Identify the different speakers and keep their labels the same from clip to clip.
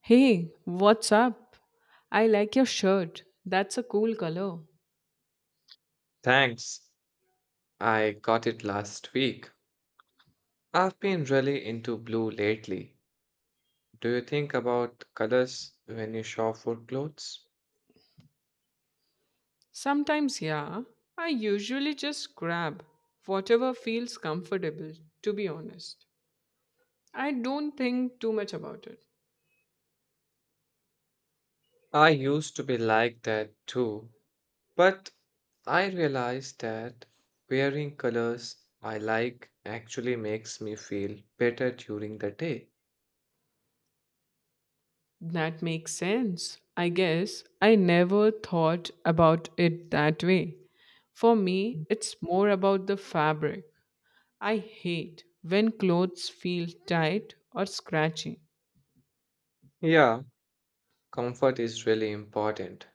Speaker 1: Hey, what's up? I like your shirt. That's a cool color.
Speaker 2: Thanks. I got it last week. I've been really into blue lately. Do you think about colors when you shop for clothes?
Speaker 1: Sometimes, yeah, I usually just grab whatever feels comfortable, to be honest. I don't think too much about it.
Speaker 2: I used to be like that too, but I realized that wearing colors I like actually makes me feel better during the day.
Speaker 1: That makes sense. I guess I never thought about it that way. For me, it's more about the fabric. I hate when clothes feel tight or scratchy.
Speaker 2: Yeah, comfort is really important.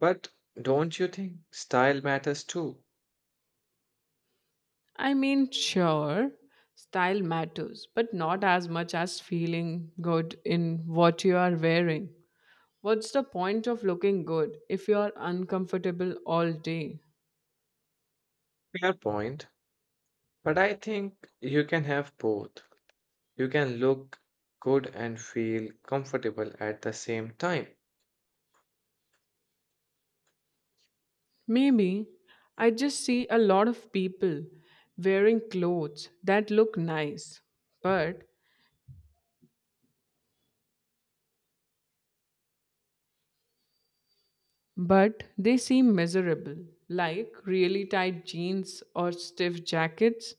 Speaker 2: But don't you think style matters too?
Speaker 1: I mean, sure, style matters, but not as much as feeling good in what you are wearing. What's the point of looking good if you are uncomfortable all day?
Speaker 2: Fair point. But I think you can have both. You can look good and feel comfortable at the same time.
Speaker 1: Maybe I just see a lot of people wearing clothes that look nice, but but they seem miserable, like really tight jeans or stiff jackets.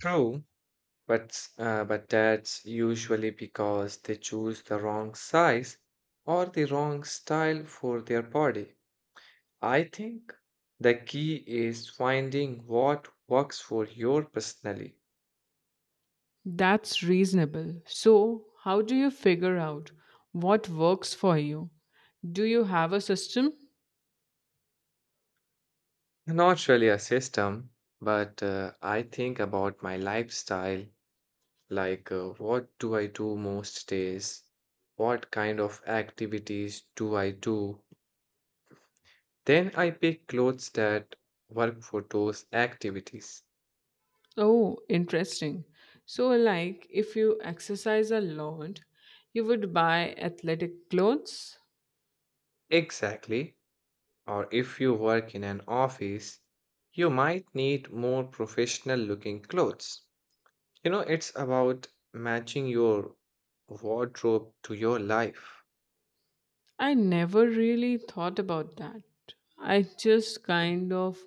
Speaker 2: True. But that's usually because they choose the wrong size or the wrong style for their body. I think the key is finding what works for your personally.
Speaker 1: That's reasonable. So, how do you figure out what works for you? Do you have a system?
Speaker 2: Not really a system, but I think about my lifestyle. Like, what do I do most days? What kind of activities do I do? Then I pick clothes that work for those activities.
Speaker 1: Oh, interesting. So, like if you exercise a lot, you would buy athletic clothes?
Speaker 2: Exactly. Or if you work in an office, you might need more professional looking clothes. You know, it's about matching your wardrobe to your life.
Speaker 1: I never really thought about that. I just kind of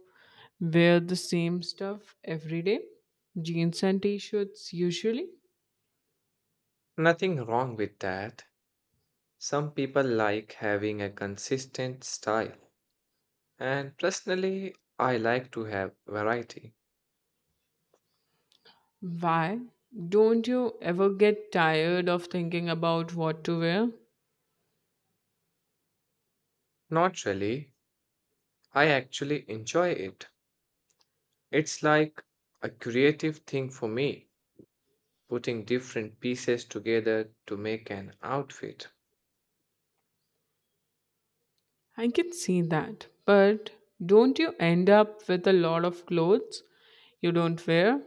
Speaker 1: wear the same stuff every day, jeans and t shirts usually.
Speaker 2: Nothing wrong with that. Some people like having a consistent style. And personally, I like to have variety.
Speaker 1: Why? Don't you ever get tired of thinking about what to wear?
Speaker 2: Not really, I actually enjoy it. It's like a creative thing for me, putting different pieces together to make an outfit.
Speaker 1: I can see that. But don't you end up with a lot of clothes you don't wear?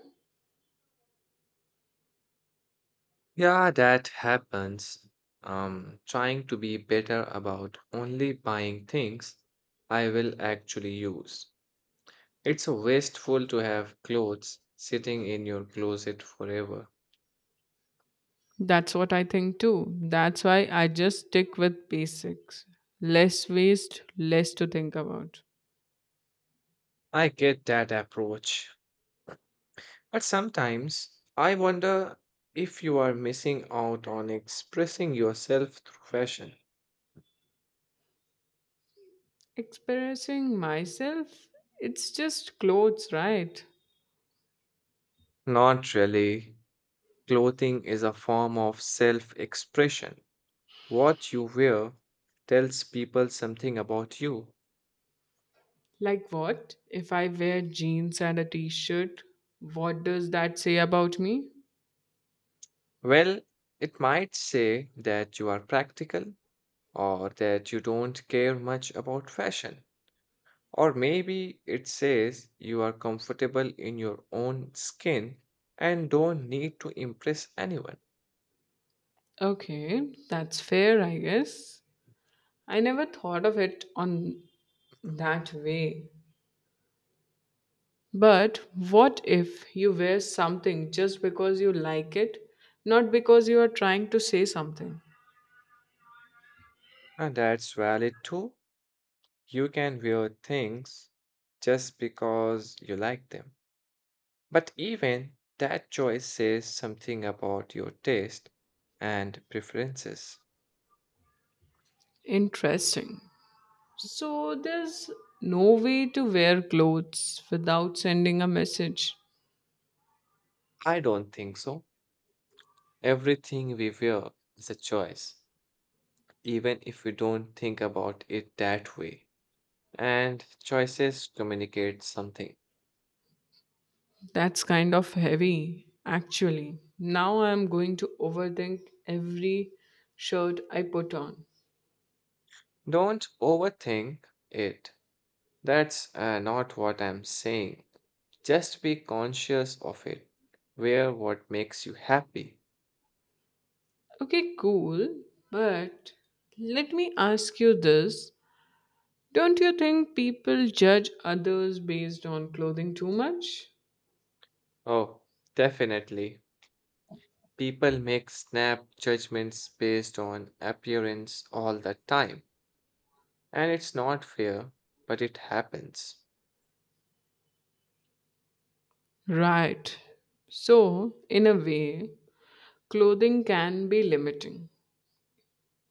Speaker 2: Yeah, that happens. Trying to be better about only buying things I will actually use. It's a wasteful to have clothes sitting in your closet forever.
Speaker 1: That's what I think too. That's why I just stick with basics. Less waste, less to think about.
Speaker 2: I get that approach. But sometimes I wonder if you are missing out on expressing yourself through fashion.
Speaker 1: Expressing myself, it's just clothes, right?
Speaker 2: Not really. Clothing is a form of self expression. What you wear tells people something about you.
Speaker 1: Like what? If I wear jeans and a t shirt, what does that say about me?
Speaker 2: Well, it might say that you are practical or that you don't care much about fashion. Or maybe it says you are comfortable in your own skin and don't need to impress anyone.
Speaker 1: Okay, that's fair, I guess. I never thought of it on that way. But what if you wear something just because you like it, not because you are trying to say something?
Speaker 2: And that's valid too. You can wear things just because you like them. But even that choice says something about your taste and preferences.
Speaker 1: Interesting. So there's no way to wear clothes without sending a message.
Speaker 2: I don't think so. Everything we wear is a choice, even if we don't think about it that way. And choices communicate something.
Speaker 1: That's kind of heavy, actually. Now I'm going to overthink every shirt I put on.
Speaker 2: Don't overthink it. That's not what I'm saying. Just be conscious of it. Wear what makes you happy.
Speaker 1: Okay, cool. But let me ask you this. Don't you think people judge others based on clothing too much?
Speaker 2: Oh, definitely. People make snap judgments based on appearance all the time. And it's not fair, but it happens.
Speaker 1: Right. So, in a way, clothing can be limiting.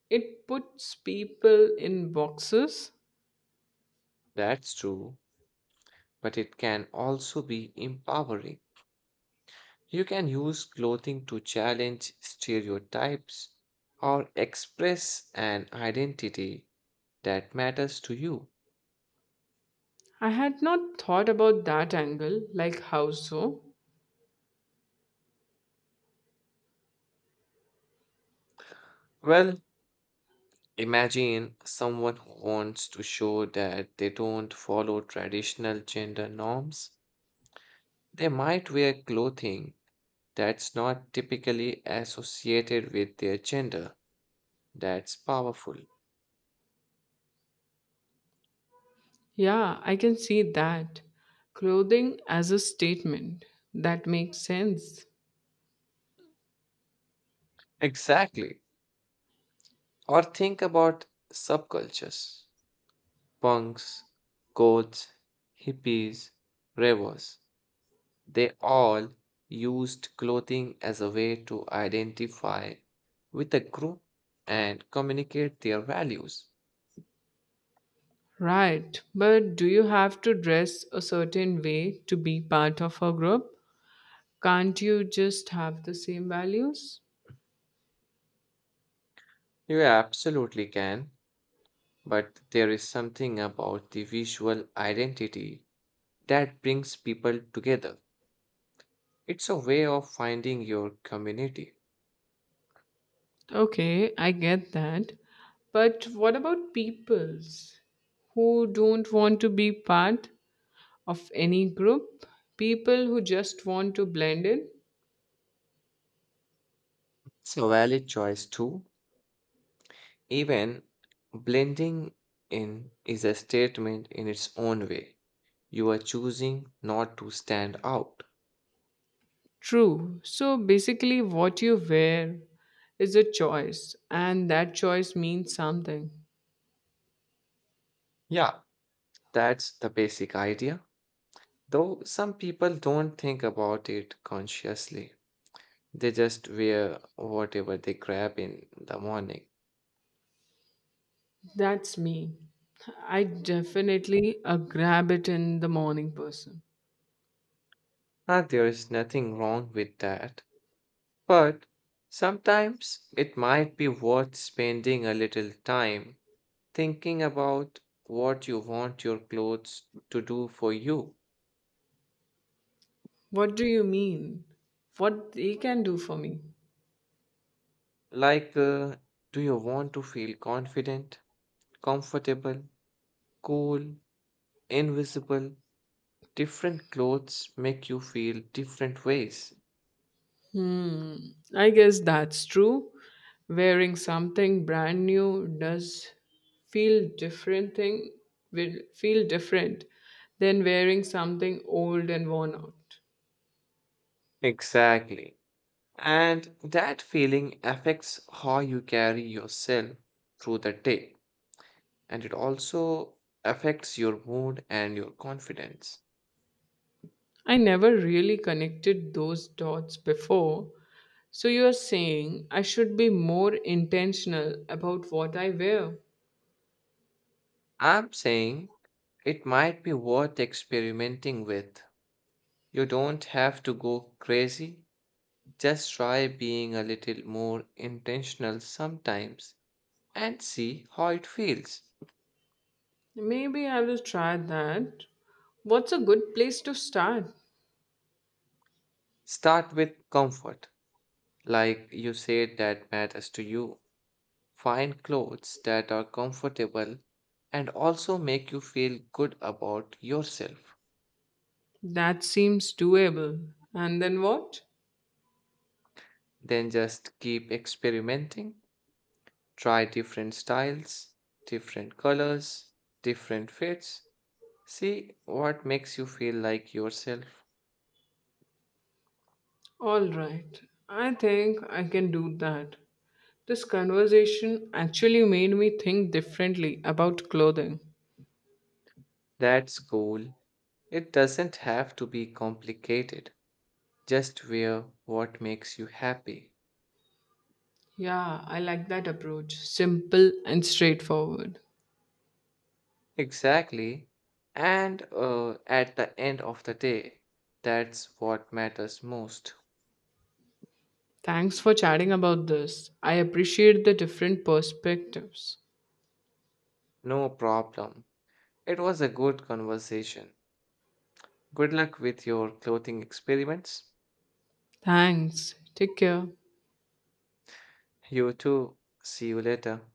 Speaker 1: It puts people in boxes.
Speaker 2: That's true, but it can also be empowering. You can use clothing to challenge stereotypes or express an identity that matters to you.
Speaker 1: I had not thought about that angle, like how so?
Speaker 2: Well, imagine someone who wants to show that they don't follow traditional gender norms. They might wear clothing that's not typically associated with their gender. That's powerful.
Speaker 1: Yeah, I can see that. Clothing as a statement. That makes sense.
Speaker 2: Exactly. Or think about subcultures punks, goths, hippies, ravers. They all used clothing as a way to identify with a group and communicate their values.
Speaker 1: Right, but do you have to dress a certain way to be part of a group? Can't you just have the same values?
Speaker 2: You absolutely can, but there is something about the visual identity that brings people together. It's a way of finding your community.
Speaker 1: Okay, I get that. But what about peoples who don't want to be part of any group? People who just want to blend in?
Speaker 2: It's a valid choice too. Even blending in is a statement in its own way. You are choosing not to stand out.
Speaker 1: True. So basically, what you wear is a choice, and that choice means something.
Speaker 2: Yeah, that's the basic idea. Though some people don't think about it consciously, they just wear whatever they grab in the morning.
Speaker 1: That's me. I definitely a grab it in the morning person.
Speaker 2: And there is nothing wrong with that. But sometimes it might be worth spending a little time thinking about what you want your clothes to do for you.
Speaker 1: What do you mean? What they can do for me?
Speaker 2: Like, do you want to feel confident, comfortable, cool, invisible? Different clothes make you feel different ways.
Speaker 1: Hmm. I guess that's true. Wearing something brand new does feel different thing will feel different than wearing something old and worn out.
Speaker 2: Exactly. And that feeling affects how you carry yourself through the day. And it also affects your mood and your confidence.
Speaker 1: I never really connected those dots before, so you're saying I should be more intentional about what I wear.
Speaker 2: I'm saying it might be worth experimenting with. You don't have to go crazy. Just try being a little more intentional sometimes and see how it feels.
Speaker 1: Maybe I will try that. What's a good place to start?
Speaker 2: Start with comfort. Like you said that matters to you. Find clothes that are comfortable and also make you feel good about yourself.
Speaker 1: That seems doable. And then what?
Speaker 2: Then just keep experimenting. Try different styles, different colors, different fits. See what makes you feel like yourself.
Speaker 1: All right. I think I can do that. This conversation actually made me think differently about clothing.
Speaker 2: That's cool. It doesn't have to be complicated. Just wear what makes you happy.
Speaker 1: Yeah, I like that approach. Simple and straightforward.
Speaker 2: Exactly. And at the end of the day, that's what matters most.
Speaker 1: Thanks for chatting about this. I appreciate the different perspectives.
Speaker 2: No problem. It was a good conversation. Good luck with your clothing experiments.
Speaker 1: Thanks. Take care.
Speaker 2: You too. See you later.